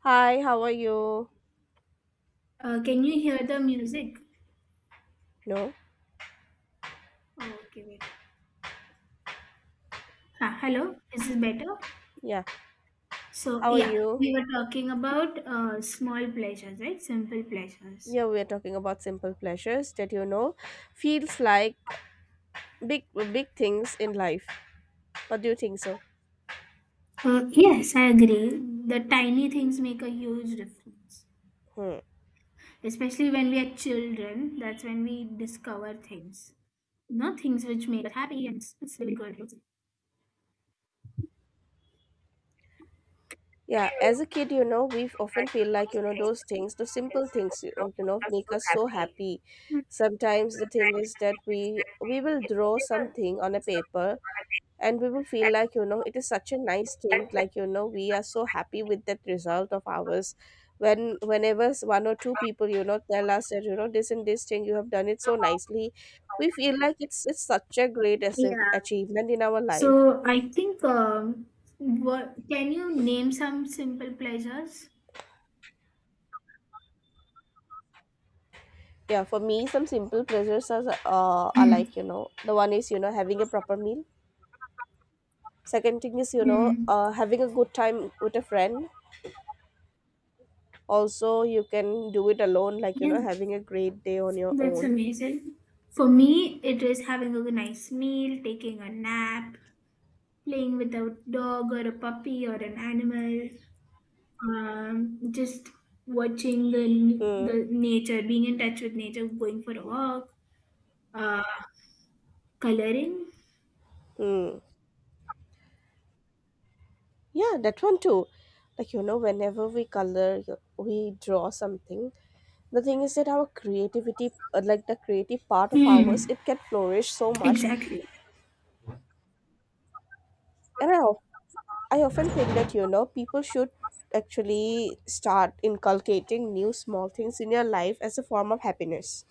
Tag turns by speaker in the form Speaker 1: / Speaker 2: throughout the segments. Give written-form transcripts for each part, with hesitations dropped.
Speaker 1: Hi, how are you?
Speaker 2: Can you hear the music?
Speaker 1: No,
Speaker 2: Okay, wait. Ah, hello, is this better?
Speaker 1: yeah,
Speaker 2: So,
Speaker 1: how are
Speaker 2: yeah,
Speaker 1: you?
Speaker 2: we were talking about small pleasures, right? Simple pleasures.
Speaker 1: Yeah, we're talking about simple pleasures that feels like big big things in life. What do you think so?
Speaker 2: Yes, I agree. The tiny things make a huge difference,
Speaker 1: Hmm.
Speaker 2: especially when we are children. That's when we discover things, not things which make us happy, and it's really good.
Speaker 1: Yeah, as a kid, we often feel like, those things, those simple things, make us so happy.
Speaker 2: Mm,
Speaker 1: Sometimes the thing is that we will draw something on a paper and we will feel like it is such a nice thing like we are so happy with that result of ours whenever one or two people tell us that this and this thing you have done it so nicely we feel like it's such a great
Speaker 2: yeah.
Speaker 1: achievement in our life.
Speaker 2: So I think, what can you name some simple pleasures?
Speaker 1: Yeah, for me some simple pleasures are
Speaker 2: Mm.
Speaker 1: like the one is having a proper meal. Second thing is
Speaker 2: Mm.
Speaker 1: having a good time with a friend. Also you can do it alone like
Speaker 2: Yeah.
Speaker 1: having a great day on your
Speaker 2: That's
Speaker 1: own.
Speaker 2: amazing. For me, it is having a nice meal, taking a nap, playing with a dog or a puppy or an animal, just watching
Speaker 1: Hmm.
Speaker 2: the nature, being in touch with nature, going for a walk, uh, coloring.
Speaker 1: Hmm. Yeah, that one too. Like, you know, whenever we color, we draw something. The thing is that our creativity, like the creative part of ours,
Speaker 2: Hmm.
Speaker 1: it can flourish so much.
Speaker 2: Exactly.
Speaker 1: And I, of- I often think that, people should actually start inculcating new small things in your life as a form of happiness.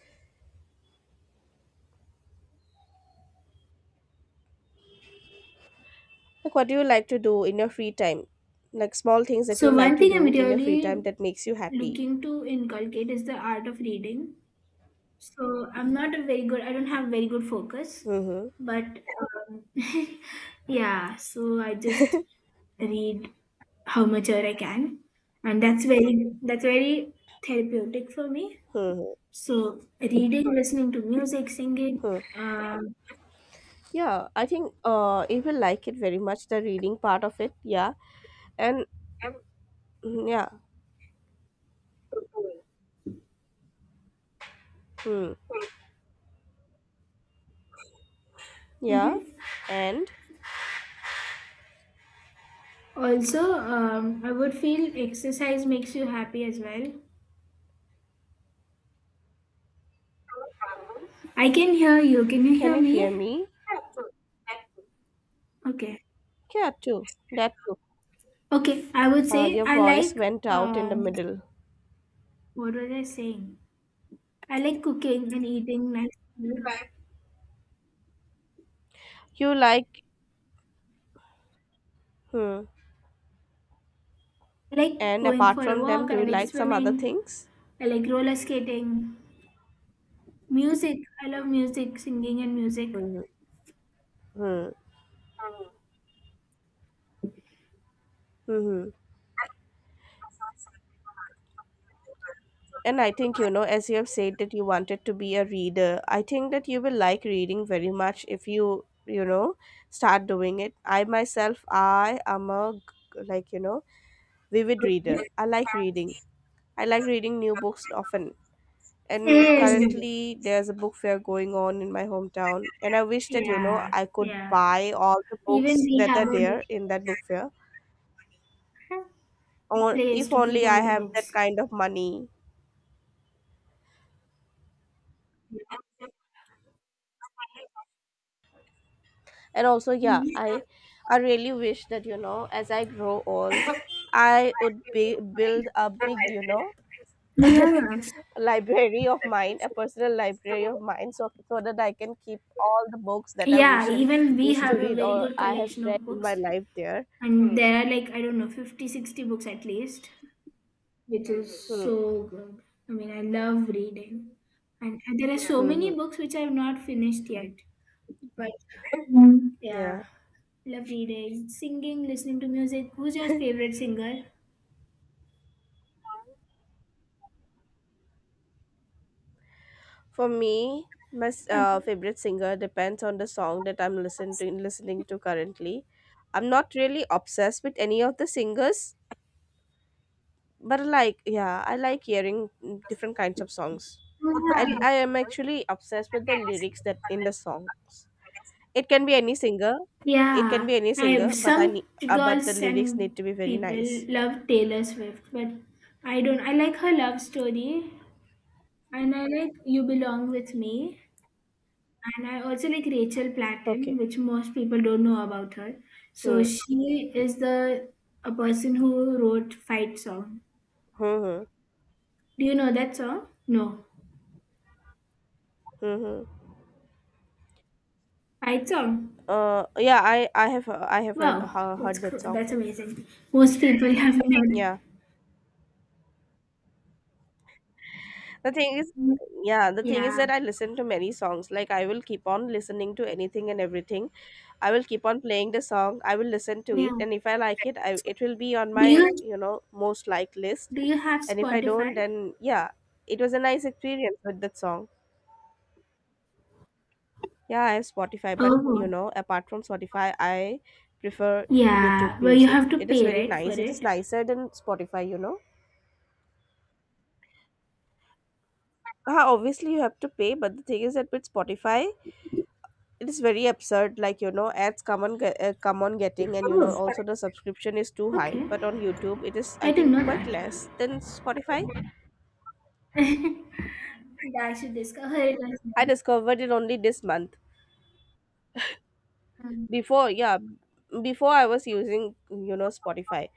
Speaker 1: Like, what do you like to do in your free time? Like, small things that you
Speaker 2: So
Speaker 1: like
Speaker 2: one
Speaker 1: to
Speaker 2: thing I'm
Speaker 1: do in your free
Speaker 2: really
Speaker 1: time that makes you happy.
Speaker 2: looking to inculcate is the art of reading. So I'm not a very good. I don't have very good focus,
Speaker 1: Mm-hmm.
Speaker 2: but yeah, so I just read how much ever I can, and that's very therapeutic for me.
Speaker 1: Mm-hmm.
Speaker 2: So reading, listening to music, singing.
Speaker 1: Hmm.
Speaker 2: Um,
Speaker 1: Yeah, I think it will like it very much, the reading part of it. Yeah. And yeah. Hmm. Yeah.
Speaker 2: mhm.
Speaker 1: And
Speaker 2: Also, I would feel exercise makes you happy as well. I can hear you. Can you
Speaker 1: can
Speaker 2: hear
Speaker 1: you hear
Speaker 2: me?
Speaker 1: me?
Speaker 2: Okay.
Speaker 1: Yeah, too. That too.
Speaker 2: Okay. I would say
Speaker 1: Your
Speaker 2: I
Speaker 1: voice
Speaker 2: like
Speaker 1: went out in the
Speaker 2: um.
Speaker 1: middle.
Speaker 2: What was I saying? I like cooking and eating. Nice.
Speaker 1: You like. Hmm.
Speaker 2: I like
Speaker 1: And
Speaker 2: going
Speaker 1: apart
Speaker 2: for a
Speaker 1: from them,
Speaker 2: walk.
Speaker 1: do
Speaker 2: I
Speaker 1: you
Speaker 2: like
Speaker 1: like some other
Speaker 2: swimming.
Speaker 1: things?
Speaker 2: I like roller skating, music. I love music, singing and music.
Speaker 1: Mm-hmm. Mm-hmm. Mm-hmm. And I think, you know, as you have said that you wanted to be a reader, I think that you will like reading very much if you, you know, start doing it. I myself, I am like, you know, vivid reader.
Speaker 2: Okay.
Speaker 1: I like reading. I like reading new books often. And
Speaker 2: Same.
Speaker 1: currently, there's a book fair going on in my hometown. And I wish that, you know,
Speaker 2: Yeah,
Speaker 1: I could
Speaker 2: yeah.
Speaker 1: buy all the
Speaker 2: Even
Speaker 1: books
Speaker 2: we
Speaker 1: that
Speaker 2: have
Speaker 1: are
Speaker 2: a
Speaker 1: there in that book fair. Or
Speaker 2: place
Speaker 1: if
Speaker 2: to keep
Speaker 1: only
Speaker 2: all
Speaker 1: I
Speaker 2: the
Speaker 1: have
Speaker 2: books.
Speaker 1: that kind of money. And also, yeah, I really wish that you know, as I grow old, I would be build a big, you know,
Speaker 2: Yeah.
Speaker 1: library of mine, a personal library of mine, so that I can keep all the books that I wish
Speaker 2: Yeah,
Speaker 1: and
Speaker 2: even we
Speaker 1: wish to
Speaker 2: have a
Speaker 1: read or
Speaker 2: very good
Speaker 1: I have
Speaker 2: collection
Speaker 1: read
Speaker 2: of
Speaker 1: in my
Speaker 2: books.
Speaker 1: life there.
Speaker 2: And there are like, I don't know, 50, 60 books at least, which is
Speaker 1: Hmm.
Speaker 2: so good. I mean, I love reading. And there are so
Speaker 1: Hmm. Hmm.
Speaker 2: many books which I have not finished yet. But.
Speaker 1: Yeah,
Speaker 2: Yeah, lovely day. Singing, listening to music. Who's your favorite singer?
Speaker 1: for me, my favorite singer depends on the song that I'm listening to currently. I'm not really obsessed with any of the singers, but like, yeah, I like hearing different kinds of songs. i
Speaker 2: Oh,
Speaker 1: i am actually obsessed with the lyrics that in the songs. It can be any singer. It can
Speaker 2: yeah.
Speaker 1: be any
Speaker 2: Yeah,
Speaker 1: singer,
Speaker 2: I
Speaker 1: but
Speaker 2: some
Speaker 1: I need but the
Speaker 2: girls
Speaker 1: lyrics
Speaker 2: and
Speaker 1: need to be very
Speaker 2: people
Speaker 1: nice.
Speaker 2: love Taylor Swift, but I don't. I like her love story, and I like You Belong with Me, and I also like Rachel Platten,
Speaker 1: Okay.
Speaker 2: which most people don't know about her. So
Speaker 1: Hmm.
Speaker 2: she is the a person who wrote Fight Song.
Speaker 1: Hmm. Hmm.
Speaker 2: Do you know that song? No.
Speaker 1: Hmm. Hmm.
Speaker 2: Fight Song.
Speaker 1: Yeah, I have heard,
Speaker 2: Wow, that's
Speaker 1: heard that
Speaker 2: cool.
Speaker 1: song.
Speaker 2: That's amazing. Most people have not.
Speaker 1: yeah the thing is yeah, the thing is
Speaker 2: Yeah.
Speaker 1: that I listen to many songs. Like, I will keep on listening to anything and everything. I will keep on playing the song. I will listen to
Speaker 2: Yeah.
Speaker 1: it, and if I like it, I it will be on
Speaker 2: Do
Speaker 1: my,
Speaker 2: you
Speaker 1: you know, most liked list.
Speaker 2: do you have
Speaker 1: And if I don't,
Speaker 2: Spotify?
Speaker 1: then yeah, it was a nice experience with that song. Yeah, I have Spotify, but you
Speaker 2: Oh,
Speaker 1: know, apart from Spotify, I prefer YouTube
Speaker 2: yeah. Well, you
Speaker 1: Music.
Speaker 2: have to
Speaker 1: It is
Speaker 2: pay,
Speaker 1: very
Speaker 2: right, for
Speaker 1: nice. It is
Speaker 2: it?
Speaker 1: nicer than Spotify, you know. Ah, obviously you have to pay, but the thing is that with Spotify, it is very absurd, like, you know, ads come on come on getting, and you know, also the subscription is too high,
Speaker 2: Okay.
Speaker 1: but on YouTube it is, I
Speaker 2: I didn't
Speaker 1: think,
Speaker 2: know
Speaker 1: quite
Speaker 2: that.
Speaker 1: less than Spotify.
Speaker 2: I should discover it as
Speaker 1: I
Speaker 2: well.
Speaker 1: discovered it only this month.
Speaker 2: Um,
Speaker 1: before yeah Before I was using, you know, Spotify,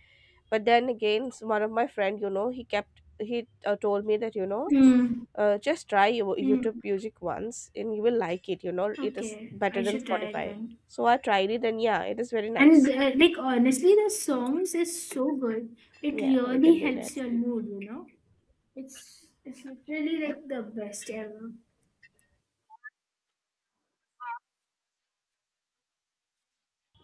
Speaker 1: but then again, one of my friend, you know, he kept he told me that, you know,
Speaker 2: Hmm.
Speaker 1: just try
Speaker 2: Hmm.
Speaker 1: YouTube Music once and you will like it. You know, it is
Speaker 2: Okay,
Speaker 1: better
Speaker 2: I
Speaker 1: than
Speaker 2: should try it
Speaker 1: Spotify.
Speaker 2: then.
Speaker 1: So I tried it, and yeah, it is very
Speaker 2: And
Speaker 1: nice.
Speaker 2: like honestly, the songs is so good. It
Speaker 1: Yeah, we can
Speaker 2: really
Speaker 1: do that.
Speaker 2: helps your mood, It's really like the best ever.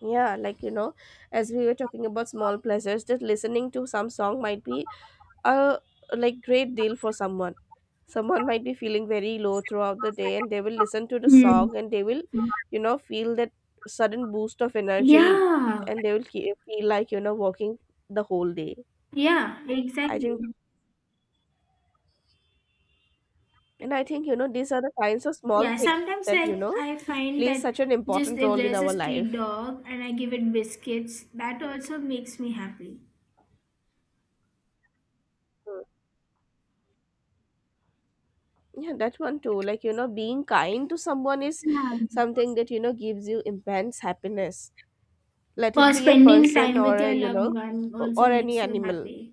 Speaker 1: Yeah, like, you know, as we were talking about small pleasures, that listening to some song might be a like great deal for someone. Someone might be feeling very low throughout the day and they will listen to the
Speaker 2: Hmm.
Speaker 1: song and they will, you know, feel that sudden boost of energy,
Speaker 2: Yeah,
Speaker 1: and they will feel like, you know, walking the whole day.
Speaker 2: yeah,
Speaker 1: I
Speaker 2: exactly.
Speaker 1: think, and I think, you know, these are the kinds of small
Speaker 2: Yeah,
Speaker 1: things
Speaker 2: sometimes
Speaker 1: that, you
Speaker 2: I
Speaker 1: know,
Speaker 2: I find
Speaker 1: plays
Speaker 2: that
Speaker 1: such an
Speaker 2: just
Speaker 1: important
Speaker 2: if
Speaker 1: role in
Speaker 2: there's a
Speaker 1: our life.
Speaker 2: street dog and I give it biscuits, that also makes me happy.
Speaker 1: Yeah, that one too. Like, you know, being kind to someone is
Speaker 2: Yeah.
Speaker 1: something that, you know, gives you immense happiness. Let it
Speaker 2: Or
Speaker 1: be a
Speaker 2: spending
Speaker 1: person
Speaker 2: time
Speaker 1: or
Speaker 2: with
Speaker 1: a,
Speaker 2: your
Speaker 1: you
Speaker 2: loved
Speaker 1: know,
Speaker 2: one
Speaker 1: o-
Speaker 2: also
Speaker 1: or any
Speaker 2: makes you
Speaker 1: animal.
Speaker 2: happy.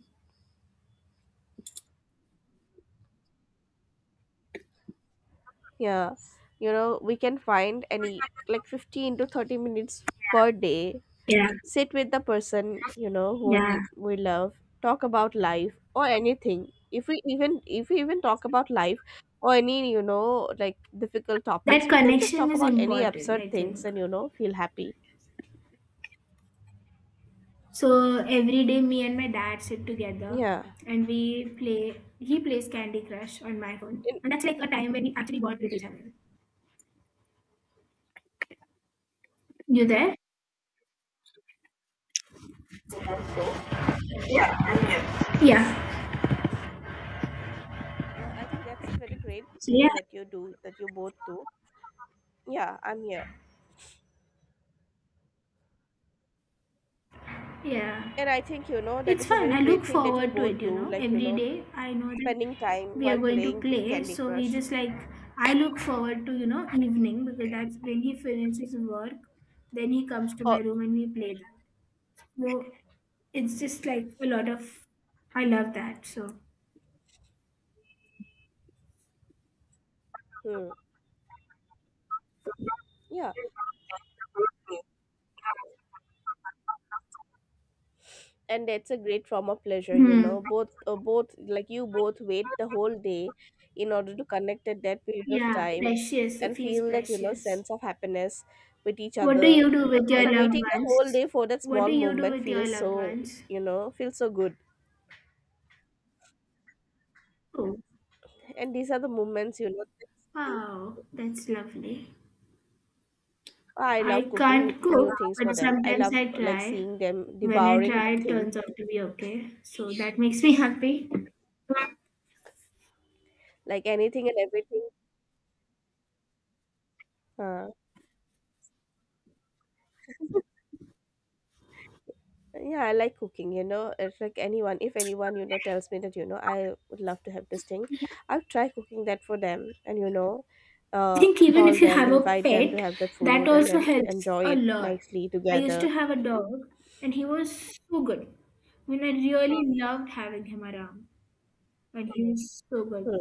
Speaker 1: Yeah. You know, we can find any, like, 15 to 30 minutes per day.
Speaker 2: Yeah.
Speaker 1: Sit with the person, you know,
Speaker 2: Yeah.
Speaker 1: whom we love, talk about life or anything. If we even talk about life or any, you know, like difficult
Speaker 2: That
Speaker 1: topics, we can just
Speaker 2: connection
Speaker 1: talk
Speaker 2: is
Speaker 1: about any
Speaker 2: important,
Speaker 1: absurd
Speaker 2: I
Speaker 1: things
Speaker 2: think.
Speaker 1: and, you know, feel happy.
Speaker 2: So every day, me and my dad sit together
Speaker 1: Yeah.
Speaker 2: and we play. He plays Candy Crush on my phone,
Speaker 1: In
Speaker 2: and that's like a time when we actually bond with each other. You there? Yeah.
Speaker 1: Yeah, I think that's a very great
Speaker 2: So, yeah,
Speaker 1: thing that you do, that you both do. Yeah, I'm here.
Speaker 2: yeah.
Speaker 1: And I think, you know, that
Speaker 2: It's
Speaker 1: is a
Speaker 2: fun.
Speaker 1: very
Speaker 2: I
Speaker 1: great
Speaker 2: look
Speaker 1: thing that you
Speaker 2: forward to
Speaker 1: both
Speaker 2: it, you
Speaker 1: do,
Speaker 2: know.
Speaker 1: like, you
Speaker 2: Every
Speaker 1: know,
Speaker 2: day, I know that
Speaker 1: spending time
Speaker 2: we are
Speaker 1: while
Speaker 2: going to
Speaker 1: playing
Speaker 2: play.
Speaker 1: Candy
Speaker 2: So we
Speaker 1: Crush.
Speaker 2: just like, I look forward to, evening because that's when he finishes work. Then he comes to
Speaker 1: Oh,
Speaker 2: my room and we play that. So it's just like a lot of, I love that. So,
Speaker 1: hmm, yeah. And that's a great form of pleasure, you know.
Speaker 2: hmm.
Speaker 1: Like, you both wait the whole day in order to connect at that period of
Speaker 2: Yeah,
Speaker 1: time
Speaker 2: precious. It
Speaker 1: and
Speaker 2: feels
Speaker 1: feel that, you know,
Speaker 2: precious.
Speaker 1: sense of happiness with each
Speaker 2: What do
Speaker 1: other.
Speaker 2: you do with your
Speaker 1: Like,
Speaker 2: loved
Speaker 1: waiting the whole
Speaker 2: ones?
Speaker 1: day for that
Speaker 2: What do
Speaker 1: small
Speaker 2: you do
Speaker 1: moment
Speaker 2: with your loved ones?
Speaker 1: feels so good.
Speaker 2: Oh,
Speaker 1: And these are the moments, you know, that they-
Speaker 2: wow, that's lovely.
Speaker 1: I
Speaker 2: I
Speaker 1: love cooking
Speaker 2: can't cook,
Speaker 1: new things for
Speaker 2: but
Speaker 1: them. I
Speaker 2: sometimes
Speaker 1: love,
Speaker 2: I
Speaker 1: like,
Speaker 2: try.
Speaker 1: seeing them
Speaker 2: When I
Speaker 1: devouring the
Speaker 2: try, it
Speaker 1: thing,
Speaker 2: turns out to be okay. So that makes me happy. I
Speaker 1: like anything and everything. uh, yeah, I like cooking, you know. It's like anyone if anyone, you know, tells me that, you know, I would love to have this thing, I'll try cooking that for them, and you know, uh
Speaker 2: think even
Speaker 1: call
Speaker 2: if you
Speaker 1: them,
Speaker 2: have a
Speaker 1: invite them to
Speaker 2: pet,
Speaker 1: have that
Speaker 2: that
Speaker 1: food, and
Speaker 2: also
Speaker 1: then
Speaker 2: helps
Speaker 1: enjoy
Speaker 2: a
Speaker 1: it
Speaker 2: lot.
Speaker 1: nicely
Speaker 2: I used to
Speaker 1: together.
Speaker 2: have a dog, and he was so good. I mean, I really loved having him around, and he was so
Speaker 1: Hmm.
Speaker 2: good.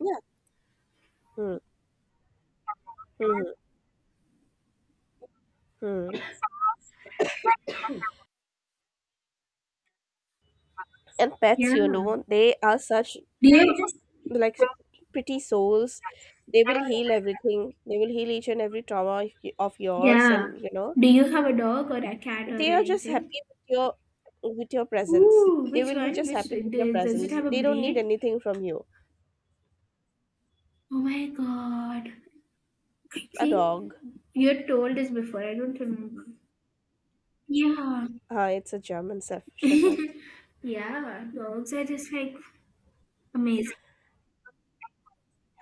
Speaker 1: Yeah. Hmm. Hmm. Hmm. And pets, you know, they are such,
Speaker 2: Do you just
Speaker 1: like pretty souls. They will heal everything. They will heal each and every trauma of of yours,
Speaker 2: Yeah?
Speaker 1: and
Speaker 2: Do you have a dog or a cat or
Speaker 1: they are just
Speaker 2: anything?
Speaker 1: happy with your, with your presence.
Speaker 2: Ooh,
Speaker 1: They
Speaker 2: which
Speaker 1: will be
Speaker 2: one?
Speaker 1: just happy with your
Speaker 2: Does it
Speaker 1: presence.
Speaker 2: have a
Speaker 1: They don't need
Speaker 2: breed?
Speaker 1: anything from you.
Speaker 2: Oh my god! I
Speaker 1: A
Speaker 2: think
Speaker 1: dog.
Speaker 2: you told this before. I don't remember. Yeah,
Speaker 1: It's a German Shepherd.
Speaker 2: yeah. Dogs are just like amazing.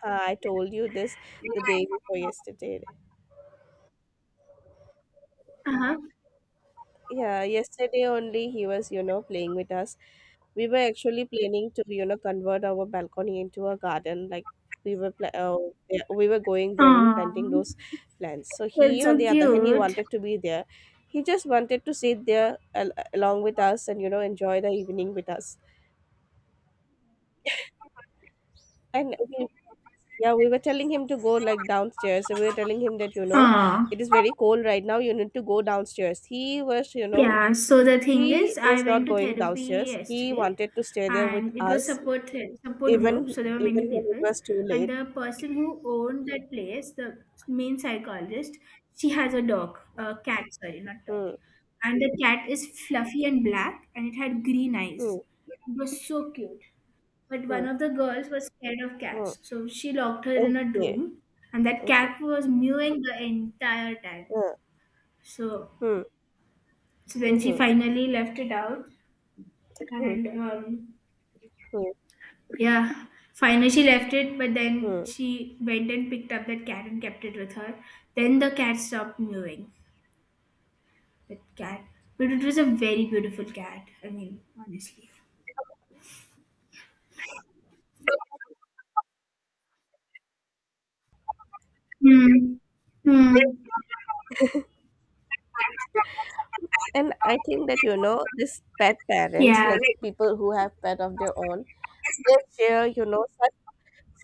Speaker 1: I told you this the day before yesterday.
Speaker 2: Uh huh.
Speaker 1: Yeah, yesterday only, he was, you know, playing with us. We were actually planning to, you know, convert our balcony into a garden. Like, we were, pla- uh, yeah, we were going there and
Speaker 2: Aww,
Speaker 1: planting those plants. So
Speaker 2: that's
Speaker 1: he, on
Speaker 2: so
Speaker 1: the other hand, he
Speaker 2: cute.
Speaker 1: wanted to be there. He just wanted to sit there along with us and, you know, enjoy the evening with us. And yeah, we were telling him to go like downstairs. So, we were telling him that, you know,
Speaker 2: Aww.
Speaker 1: it is very cold right now. You need to go downstairs.
Speaker 2: Yeah, so the thing
Speaker 1: He
Speaker 2: is, I
Speaker 1: was not
Speaker 2: went to
Speaker 1: going
Speaker 2: therapy
Speaker 1: downstairs. He
Speaker 2: yesterday
Speaker 1: wanted to stay there with
Speaker 2: and it was
Speaker 1: us,
Speaker 2: support
Speaker 1: even
Speaker 2: group, so there were
Speaker 1: even
Speaker 2: many
Speaker 1: when it
Speaker 2: people.
Speaker 1: was too
Speaker 2: And
Speaker 1: late.
Speaker 2: the person who owned that place, the main psychologist, she has a cat, sorry, not dog.
Speaker 1: Hmm.
Speaker 2: And the cat is fluffy and black and it had green
Speaker 1: Hmm.
Speaker 2: eyes. It was so cute. But
Speaker 1: Hmm.
Speaker 2: one of the girls was scared of
Speaker 1: Hmm.
Speaker 2: cats, so she locked her in a
Speaker 1: Okay.
Speaker 2: room and that
Speaker 1: Okay.
Speaker 2: cat was mewing the entire time.
Speaker 1: Hmm.
Speaker 2: So
Speaker 1: Hmm.
Speaker 2: so when she
Speaker 1: Hmm.
Speaker 2: finally left it out
Speaker 1: Hmm. Hmm.
Speaker 2: and
Speaker 1: Hmm.
Speaker 2: yeah, finally she left it, but then
Speaker 1: Hmm.
Speaker 2: she went and picked up that cat and kept it with her. Then the cat stopped mewing, that cat. But it was a very beautiful cat, I mean, honestly. Hmm. Hmm.
Speaker 1: And I think that, you know, this pet parents,
Speaker 2: Yeah.
Speaker 1: like people who have pet of their own, they share, you know, such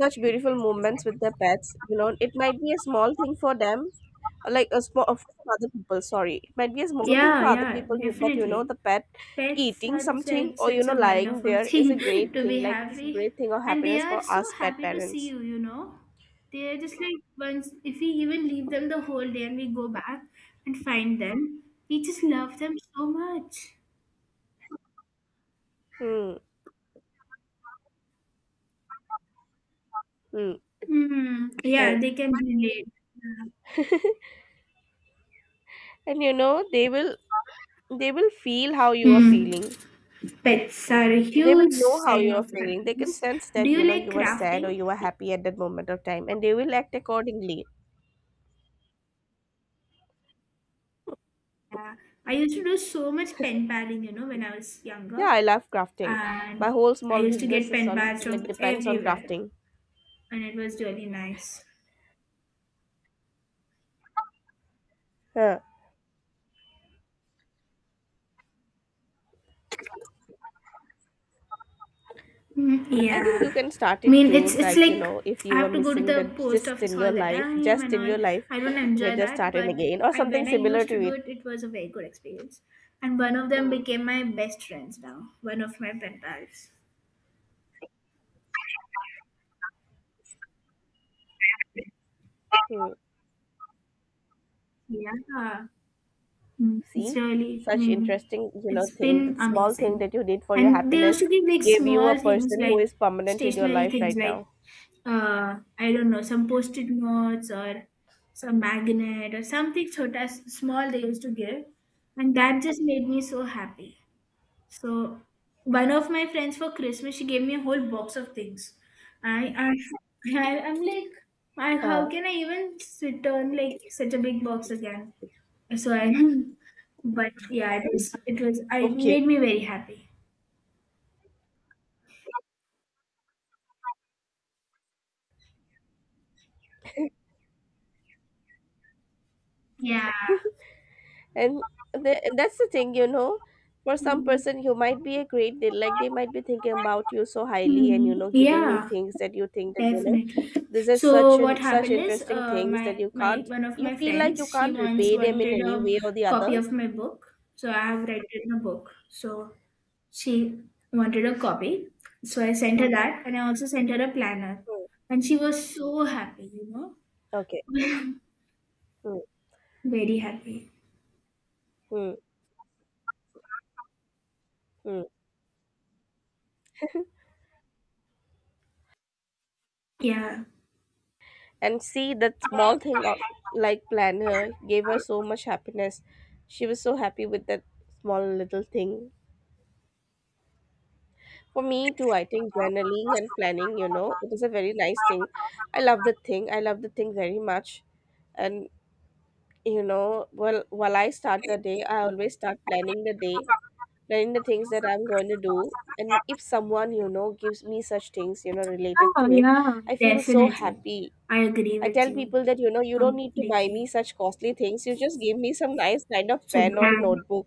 Speaker 1: such beautiful moments with their pets. You know, it might be a small thing for them, like a small for some other people, sorry, it might be a small thing
Speaker 2: Yeah.
Speaker 1: for other
Speaker 2: Yeah.
Speaker 1: people, but you know,
Speaker 2: Definitely.
Speaker 1: the pet
Speaker 2: Pets
Speaker 1: eating
Speaker 2: are just
Speaker 1: something
Speaker 2: like
Speaker 1: or, you
Speaker 2: such
Speaker 1: know,
Speaker 2: a
Speaker 1: lying
Speaker 2: wonderful
Speaker 1: there is a
Speaker 2: thing
Speaker 1: great
Speaker 2: to
Speaker 1: thing,
Speaker 2: be
Speaker 1: like it is a
Speaker 2: happy.
Speaker 1: great thing of
Speaker 2: And they
Speaker 1: happiness for
Speaker 2: are so
Speaker 1: us pet
Speaker 2: happy to see
Speaker 1: parents.
Speaker 2: you, you know. They are just like once, if we even leave them the whole day and we go back and find them, we just love them so much.
Speaker 1: Hmm. Hmm.
Speaker 2: Hmm.
Speaker 1: Yeah.
Speaker 2: Yeah, they can relate.
Speaker 1: And you know, they will feel how you are
Speaker 2: Hmm.
Speaker 1: feeling,
Speaker 2: Pets are a
Speaker 1: they will
Speaker 2: huge
Speaker 1: know how
Speaker 2: sign
Speaker 1: you are
Speaker 2: of
Speaker 1: feeling, they can
Speaker 2: happiness.
Speaker 1: sense
Speaker 2: Do
Speaker 1: that,
Speaker 2: you
Speaker 1: you know,
Speaker 2: like
Speaker 1: you were sad
Speaker 2: crafting?
Speaker 1: or you were happy at that moment of time and they will act accordingly.
Speaker 2: Yeah. I used to do so much pen paling, you know, when I was
Speaker 1: Yeah,
Speaker 2: younger.
Speaker 1: I love crafting. My
Speaker 2: And
Speaker 1: whole
Speaker 2: I
Speaker 1: small
Speaker 2: used to
Speaker 1: business
Speaker 2: get
Speaker 1: is
Speaker 2: pen
Speaker 1: on
Speaker 2: pals
Speaker 1: like
Speaker 2: from
Speaker 1: depends on
Speaker 2: everywhere,
Speaker 1: crafting.
Speaker 2: and it was really nice.
Speaker 1: Huh.
Speaker 2: Mm,
Speaker 1: I
Speaker 2: yeah.
Speaker 1: think you can start
Speaker 2: I
Speaker 1: it
Speaker 2: mean,
Speaker 1: too.
Speaker 2: it's
Speaker 1: Like you
Speaker 2: like
Speaker 1: know, if
Speaker 2: I
Speaker 1: you were
Speaker 2: have to go to
Speaker 1: missing
Speaker 2: the
Speaker 1: the
Speaker 2: post
Speaker 1: gist in
Speaker 2: office
Speaker 1: your
Speaker 2: all the
Speaker 1: life,
Speaker 2: time and all. I don't
Speaker 1: you can
Speaker 2: enjoy
Speaker 1: just
Speaker 2: that,
Speaker 1: start it
Speaker 2: but
Speaker 1: again or
Speaker 2: I
Speaker 1: something
Speaker 2: when I
Speaker 1: similar
Speaker 2: used to
Speaker 1: to
Speaker 2: do
Speaker 1: it.
Speaker 2: it, it was a very good experience. And one of them became my best friends now, one of my pen pals.
Speaker 1: Hmm.
Speaker 2: Yeah, mm, it's
Speaker 1: See,
Speaker 2: really, I
Speaker 1: such
Speaker 2: mean,
Speaker 1: interesting you know
Speaker 2: it's
Speaker 1: thing.
Speaker 2: been
Speaker 1: That small thing
Speaker 2: amazing.
Speaker 1: that you did for your
Speaker 2: And they
Speaker 1: happiness
Speaker 2: also give like
Speaker 1: gave you a
Speaker 2: small things
Speaker 1: person who
Speaker 2: like
Speaker 1: is permanent in your
Speaker 2: stationary
Speaker 1: life
Speaker 2: things
Speaker 1: right
Speaker 2: like
Speaker 1: now.
Speaker 2: I don't know, some post-it notes or some magnet or something sort of small they used to give. And that just made me so happy. So one of my friends for Christmas, she gave me a whole box of things. I'm like, I, how
Speaker 1: Huh.
Speaker 2: can I even return like such a big box again? So I but yeah, it was I it
Speaker 1: Okay.
Speaker 2: made me very happy. Yeah.
Speaker 1: and that's the thing, you know, for some person you might be a great deal, like they might be thinking about you so highly and you
Speaker 2: Mm,
Speaker 1: know giving you
Speaker 2: yeah,
Speaker 1: things that you think that you know
Speaker 2: definitely.
Speaker 1: this is
Speaker 2: So
Speaker 1: such an
Speaker 2: what
Speaker 1: such
Speaker 2: happened is,
Speaker 1: interesting things
Speaker 2: my
Speaker 1: that you
Speaker 2: my
Speaker 1: can't,
Speaker 2: one of
Speaker 1: you
Speaker 2: my
Speaker 1: feel like
Speaker 2: friends,
Speaker 1: you
Speaker 2: she
Speaker 1: can't
Speaker 2: once
Speaker 1: repay them in
Speaker 2: wanted a
Speaker 1: any way or the
Speaker 2: copy
Speaker 1: other.
Speaker 2: of my book. So I have rented a book. So she wanted a copy. So I sent her that, and I also sent her a planner.
Speaker 1: Hmm.
Speaker 2: And she was so happy, you know,
Speaker 1: Okay. Hmm.
Speaker 2: very happy.
Speaker 1: Hmm. Hmm.
Speaker 2: Yeah,
Speaker 1: And see that small thing of like planner gave her so much happiness, she was so happy with that small little thing. For me too, I think journaling and planning, you know, it is a very nice thing. I love the thing. I love the thing very much. And you know, well, while I start the day, I always start planning the day, planning the things that I'm going to do. And if someone, you know, gives me such things, you know, related
Speaker 2: oh,
Speaker 1: to it,
Speaker 2: yeah,
Speaker 1: I feel so
Speaker 2: definitely.
Speaker 1: happy.
Speaker 2: I agree
Speaker 1: I
Speaker 2: with
Speaker 1: tell
Speaker 2: you
Speaker 1: people that, you know, you don't need to buy me
Speaker 2: completely.
Speaker 1: such costly things. You just give me some nice kind of
Speaker 2: Should
Speaker 1: pen or
Speaker 2: be.
Speaker 1: notebook.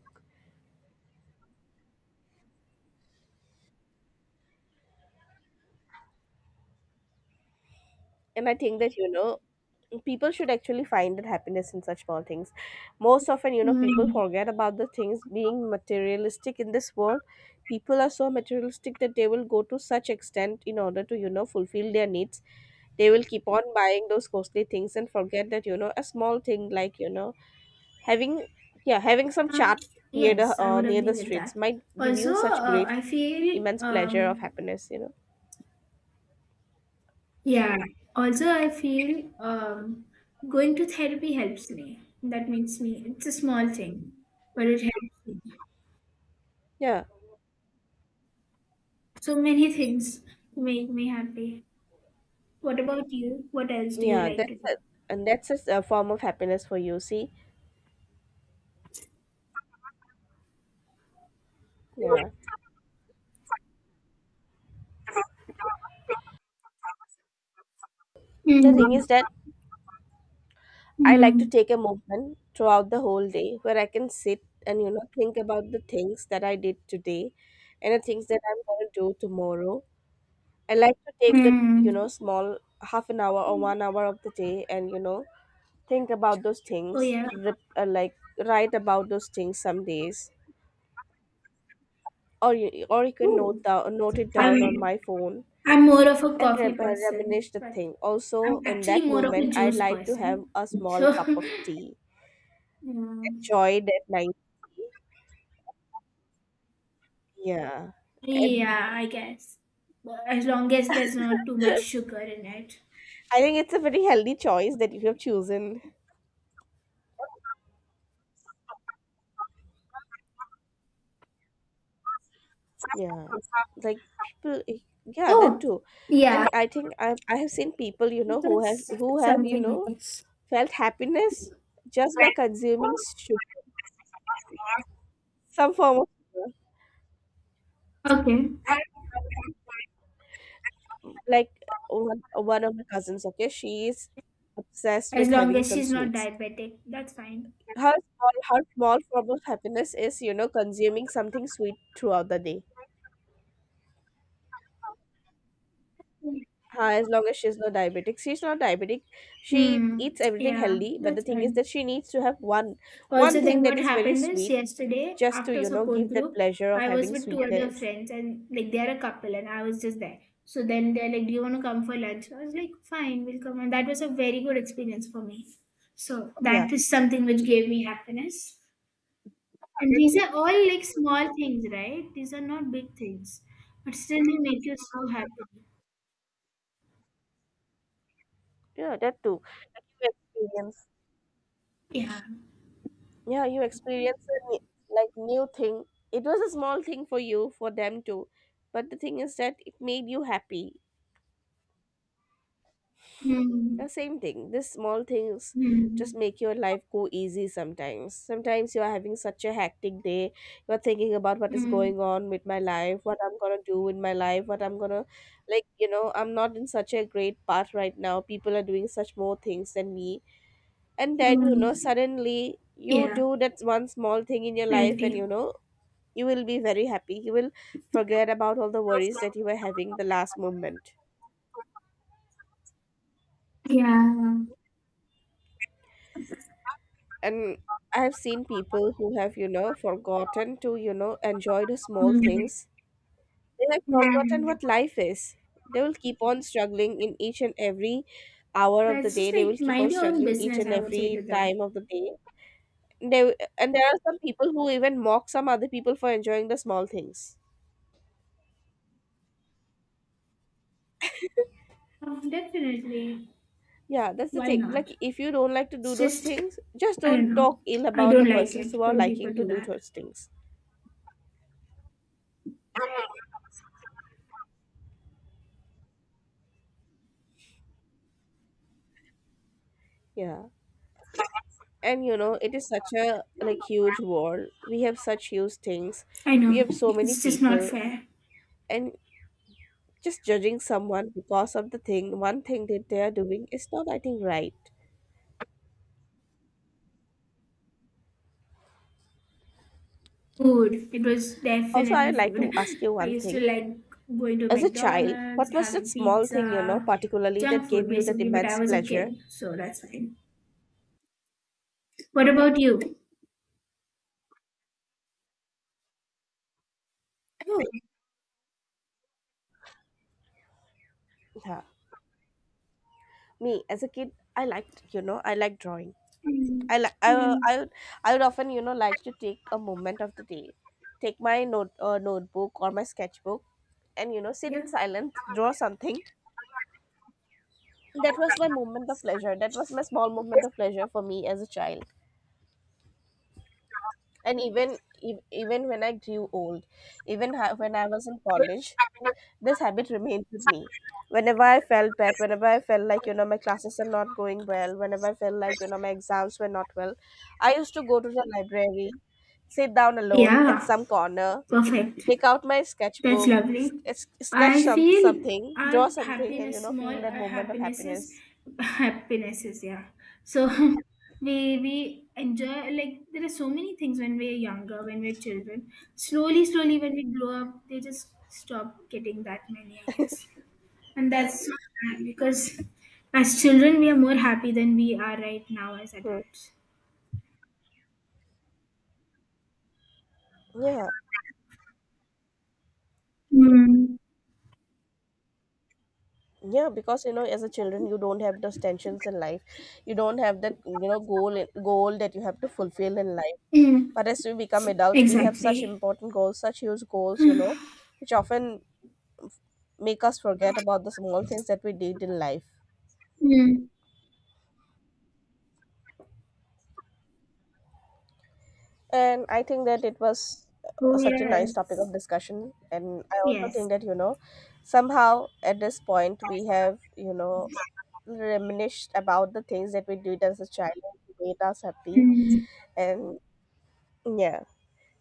Speaker 1: And I think that, you know, people should actually find that happiness in such small things. Most often, you know, people
Speaker 2: Mm.
Speaker 1: forget about the things being materialistic in this world. People are so materialistic that they will go to such extent in order to, you know, fulfill their needs. They will keep on buying those costly things and forget that, you know, a small thing like, you know, having, yeah, having some
Speaker 2: Uh,
Speaker 1: chat
Speaker 2: yes, I would
Speaker 1: near
Speaker 2: agree
Speaker 1: the
Speaker 2: with
Speaker 1: streets
Speaker 2: that.
Speaker 1: might give
Speaker 2: Also,
Speaker 1: you such great
Speaker 2: I feel,
Speaker 1: immense pleasure of happiness, you know.
Speaker 2: yeah, also, I feel going to therapy helps me. That makes me, it's a small thing, but it helps me.
Speaker 1: Yeah,
Speaker 2: So many things make me happy. What about you? What else do you
Speaker 1: yeah,
Speaker 2: like to do?
Speaker 1: and that's a a form of happiness for you, see. Yeah. The thing
Speaker 2: Mm.
Speaker 1: is that I like to
Speaker 2: Mm.
Speaker 1: take a movement throughout the whole day where I can sit and you know think about the things that I did today and the things that I'm going to do tomorrow. I like to take the you
Speaker 2: Mm.
Speaker 1: know small half an hour or 1 hour of the day and you know think about those
Speaker 2: Oh,
Speaker 1: things,
Speaker 2: yeah.
Speaker 1: like write about those things some days, or you can
Speaker 2: Ooh.
Speaker 1: note it
Speaker 2: I'm,
Speaker 1: down on my phone
Speaker 2: I'm more of a
Speaker 1: and
Speaker 2: coffee person,
Speaker 1: reminisce the
Speaker 2: but
Speaker 1: thing. Also,
Speaker 2: I'm
Speaker 1: in
Speaker 2: actually
Speaker 1: that
Speaker 2: more of a
Speaker 1: moment, I
Speaker 2: juice
Speaker 1: like to have
Speaker 2: person.
Speaker 1: a small
Speaker 2: So,
Speaker 1: cup of tea,
Speaker 2: mm,
Speaker 1: enjoy that. Night. Yeah. And
Speaker 2: yeah, I guess. But as long as there's not too much sugar in it.
Speaker 1: I think it's a very healthy choice that you have chosen. Yeah. Like people yeah, that
Speaker 2: Oh,
Speaker 1: too.
Speaker 2: yeah,
Speaker 1: And I think I have seen people, you know,
Speaker 2: that's
Speaker 1: who have, you
Speaker 2: something like
Speaker 1: know,
Speaker 2: this.
Speaker 1: felt happiness just by consuming sugar, some form of sugar.
Speaker 2: Okay.
Speaker 1: Like one of my cousins, okay, she is obsessed
Speaker 2: As
Speaker 1: with
Speaker 2: long
Speaker 1: having
Speaker 2: as
Speaker 1: some
Speaker 2: she's not
Speaker 1: sweets.
Speaker 2: diabetic, that's fine.
Speaker 1: Her small form of happiness is, you know, consuming something sweet throughout the day. As long as she's not diabetic. She
Speaker 2: Hmm,
Speaker 1: eats everything
Speaker 2: yeah,
Speaker 1: healthy, but the
Speaker 2: that's
Speaker 1: thing is that
Speaker 2: fine.
Speaker 1: she needs to have one one
Speaker 2: Also,
Speaker 1: thing
Speaker 2: then
Speaker 1: that
Speaker 2: what
Speaker 1: is very
Speaker 2: happened is
Speaker 1: sweet,
Speaker 2: yesterday
Speaker 1: just to
Speaker 2: after
Speaker 1: you know
Speaker 2: support
Speaker 1: give that
Speaker 2: group,
Speaker 1: pleasure of
Speaker 2: I was
Speaker 1: having
Speaker 2: with two other
Speaker 1: sweetness.
Speaker 2: friends and like they are a couple and I was just there. So then they're like, "Do you want to come for lunch?" I was like, "Fine, we'll come." And that was a very good experience for me. So
Speaker 1: Yeah,
Speaker 2: that is something which gave me happiness. And these are all like small things, right? These are not big things, but still they make you so happy.
Speaker 1: yeah, that too. Like you experience,
Speaker 2: Yeah.
Speaker 1: yeah, you experience a like new thing. It was a small thing for you, for them too, but the thing is that it made you happy.
Speaker 2: Mm.
Speaker 1: Yeah, same thing. These small things just
Speaker 2: Mm.
Speaker 1: make your life go easy sometimes. Sometimes you are having such a hectic day, you are thinking about what is
Speaker 2: Mm.
Speaker 1: going on with my life, what I'm gonna do in my life, what I'm gonna like, you know, I'm not in such a great path right now. People are doing such more things than me. And then, you know,
Speaker 2: Mm.
Speaker 1: suddenly you
Speaker 2: Yeah,
Speaker 1: do that one small thing in your
Speaker 2: I
Speaker 1: life and
Speaker 2: agree.
Speaker 1: you know, you will be very happy. You will forget about all the worries that you were having the last moment.
Speaker 2: Yeah.
Speaker 1: And I've seen people who have, you know, forgotten to, you know, enjoy the small
Speaker 2: Mm.
Speaker 1: things. They have forgotten
Speaker 2: Mm.
Speaker 1: what life is. They will keep on struggling in each and every hour of the
Speaker 2: That's
Speaker 1: day,
Speaker 2: just
Speaker 1: they will
Speaker 2: like
Speaker 1: keep on
Speaker 2: mind your own
Speaker 1: struggling each
Speaker 2: business,
Speaker 1: and
Speaker 2: I would say
Speaker 1: every
Speaker 2: to them.
Speaker 1: time of the day. They And there are some people who even mock some other people for enjoying the small things.
Speaker 2: Oh, definitely.
Speaker 1: Yeah, that's the
Speaker 2: Why
Speaker 1: thing,
Speaker 2: not?
Speaker 1: like if you don't like to do
Speaker 2: It's
Speaker 1: those
Speaker 2: just,
Speaker 1: things, just
Speaker 2: I don't
Speaker 1: don't
Speaker 2: know.
Speaker 1: talk ill
Speaker 2: I
Speaker 1: about the
Speaker 2: don't like
Speaker 1: persons
Speaker 2: it
Speaker 1: who are
Speaker 2: when people
Speaker 1: liking to
Speaker 2: do
Speaker 1: do
Speaker 2: that.
Speaker 1: those things. Yeah, and you know it is such a like huge world, we have such huge things,
Speaker 2: I
Speaker 1: we
Speaker 2: know.
Speaker 1: have so many
Speaker 2: It's just not
Speaker 1: people,
Speaker 2: fair.
Speaker 1: and just judging someone because of the thing one thing that they are doing is not, I think, right.
Speaker 2: Food. It was
Speaker 1: Also,
Speaker 2: definitely
Speaker 1: I'd like to
Speaker 2: food.
Speaker 1: ask you
Speaker 2: I
Speaker 1: one
Speaker 2: used to
Speaker 1: thing:
Speaker 2: like going to
Speaker 1: as a child,
Speaker 2: McDonald's,
Speaker 1: what was that
Speaker 2: having
Speaker 1: small thing, you know,
Speaker 2: pizza,
Speaker 1: particularly, that
Speaker 2: junk
Speaker 1: gave
Speaker 2: food
Speaker 1: you that
Speaker 2: basically, but I
Speaker 1: immense
Speaker 2: was a
Speaker 1: pleasure?
Speaker 2: kid, so that's fine. What about you?
Speaker 1: Yeah. Me as a kid, I liked, you know, I liked drawing.
Speaker 2: Mm,
Speaker 1: I like
Speaker 2: mm,
Speaker 1: I would often, you know, like to take a moment of the day, take my notebook or my sketchbook, and you know sit
Speaker 2: yeah.
Speaker 1: in silence, draw something. That was my moment of pleasure. That was my small moment of pleasure for me as a child, and even even when I grew old, even when I was in college, this habit remained with me. Whenever I felt bad, whenever I felt like, you know, my classes are not going well, whenever I felt like, you know, my exams were not well, I used to go to the library, sit down alone at
Speaker 2: Yeah.
Speaker 1: some corner,
Speaker 2: Perfect.
Speaker 1: take out my
Speaker 2: That's
Speaker 1: sketchbook,
Speaker 2: lovely.
Speaker 1: sketch
Speaker 2: I feel
Speaker 1: something,
Speaker 2: our
Speaker 1: draw something, and, you
Speaker 2: happiness,
Speaker 1: know,
Speaker 2: small
Speaker 1: feel that
Speaker 2: our
Speaker 1: moment of
Speaker 2: happinesses,
Speaker 1: happiness.
Speaker 2: happinesses, yeah. So we enjoy like there are so many things when we're younger, when we're children. Slowly, slowly, when we grow up, they just stop getting that many, I guess. And that's so sad because as children, we are more happy than we are right now as
Speaker 1: Hmm.
Speaker 2: adults.
Speaker 1: Yeah.
Speaker 2: Mm.
Speaker 1: Yeah, because you know, as a children, you don't have those tensions in life. You don't have that you know goal that you have to fulfill in life.
Speaker 2: Mm.
Speaker 1: But as we become adults, we have such
Speaker 2: Exactly.
Speaker 1: important goals, such huge goals, you know, which often make us forget about the small things that we did in life.
Speaker 2: Mm.
Speaker 1: And I think that it was
Speaker 2: Oh
Speaker 1: such a nice topic of
Speaker 2: yes,
Speaker 1: discussion. And I also think
Speaker 2: yes.
Speaker 1: that, you know, somehow at this point, we have, you know, reminisced about the things that we did as a child and made us happy. And yeah,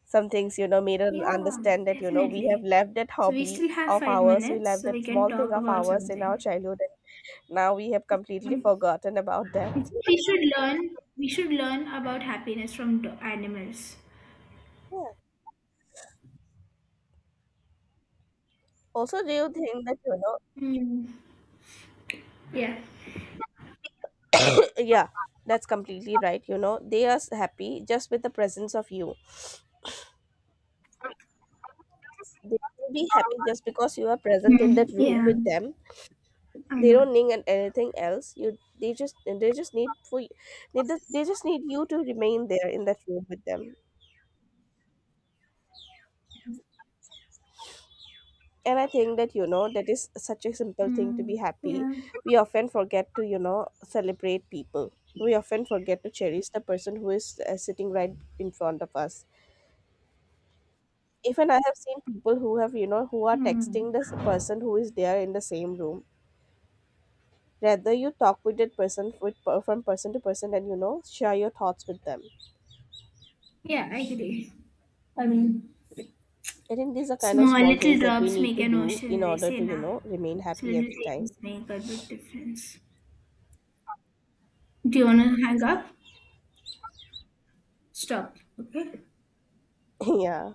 Speaker 1: some things, you know, made us
Speaker 2: Yeah,
Speaker 1: understand that, you know, we have
Speaker 2: definitely.
Speaker 1: left that
Speaker 2: So we
Speaker 1: hobby
Speaker 2: still have
Speaker 1: of
Speaker 2: five
Speaker 1: ours, we
Speaker 2: minutes,
Speaker 1: left
Speaker 2: so
Speaker 1: that
Speaker 2: we can
Speaker 1: small thing
Speaker 2: talk
Speaker 1: of
Speaker 2: about
Speaker 1: ours in our
Speaker 2: something.
Speaker 1: childhood. Now we have completely
Speaker 2: Um,
Speaker 1: forgotten about
Speaker 2: I think
Speaker 1: that.
Speaker 2: we should learn. We should learn about happiness from animals.
Speaker 1: Yeah. Also, do you think that, you know,
Speaker 2: Hmm. Yeah.
Speaker 1: yeah, that's completely right. You know, they are happy just with the presence of you. They will be happy just because you are present in
Speaker 2: Hmm.
Speaker 1: that room
Speaker 2: Yeah,
Speaker 1: with them.
Speaker 2: I
Speaker 1: They
Speaker 2: know.
Speaker 1: don't need anything else. They just need they just need you to remain there in that room with them. And I think that, you know, that is such a simple thing to be
Speaker 2: Hmm.
Speaker 1: happy.
Speaker 2: Yeah.
Speaker 1: We often forget to, you know, celebrate people. We often forget to cherish the person who is sitting right in front of us. Even I have seen people who have, you know, who are texting
Speaker 2: Hmm.
Speaker 1: this person who is there in the same room, rather you talk with that person from person to person, and you know share your thoughts with them.
Speaker 2: Yeah, I agree. I mean,
Speaker 1: I think these are kind of
Speaker 2: small
Speaker 1: small
Speaker 2: little
Speaker 1: things that we
Speaker 2: drops
Speaker 1: need
Speaker 2: make
Speaker 1: to
Speaker 2: an
Speaker 1: do in
Speaker 2: ocean. They
Speaker 1: order
Speaker 2: say
Speaker 1: to, you
Speaker 2: now.
Speaker 1: know, remain
Speaker 2: So
Speaker 1: happy
Speaker 2: little
Speaker 1: every
Speaker 2: things
Speaker 1: time.
Speaker 2: make a big difference. Do you wanna hang up? Stop. Okay.
Speaker 1: Yeah.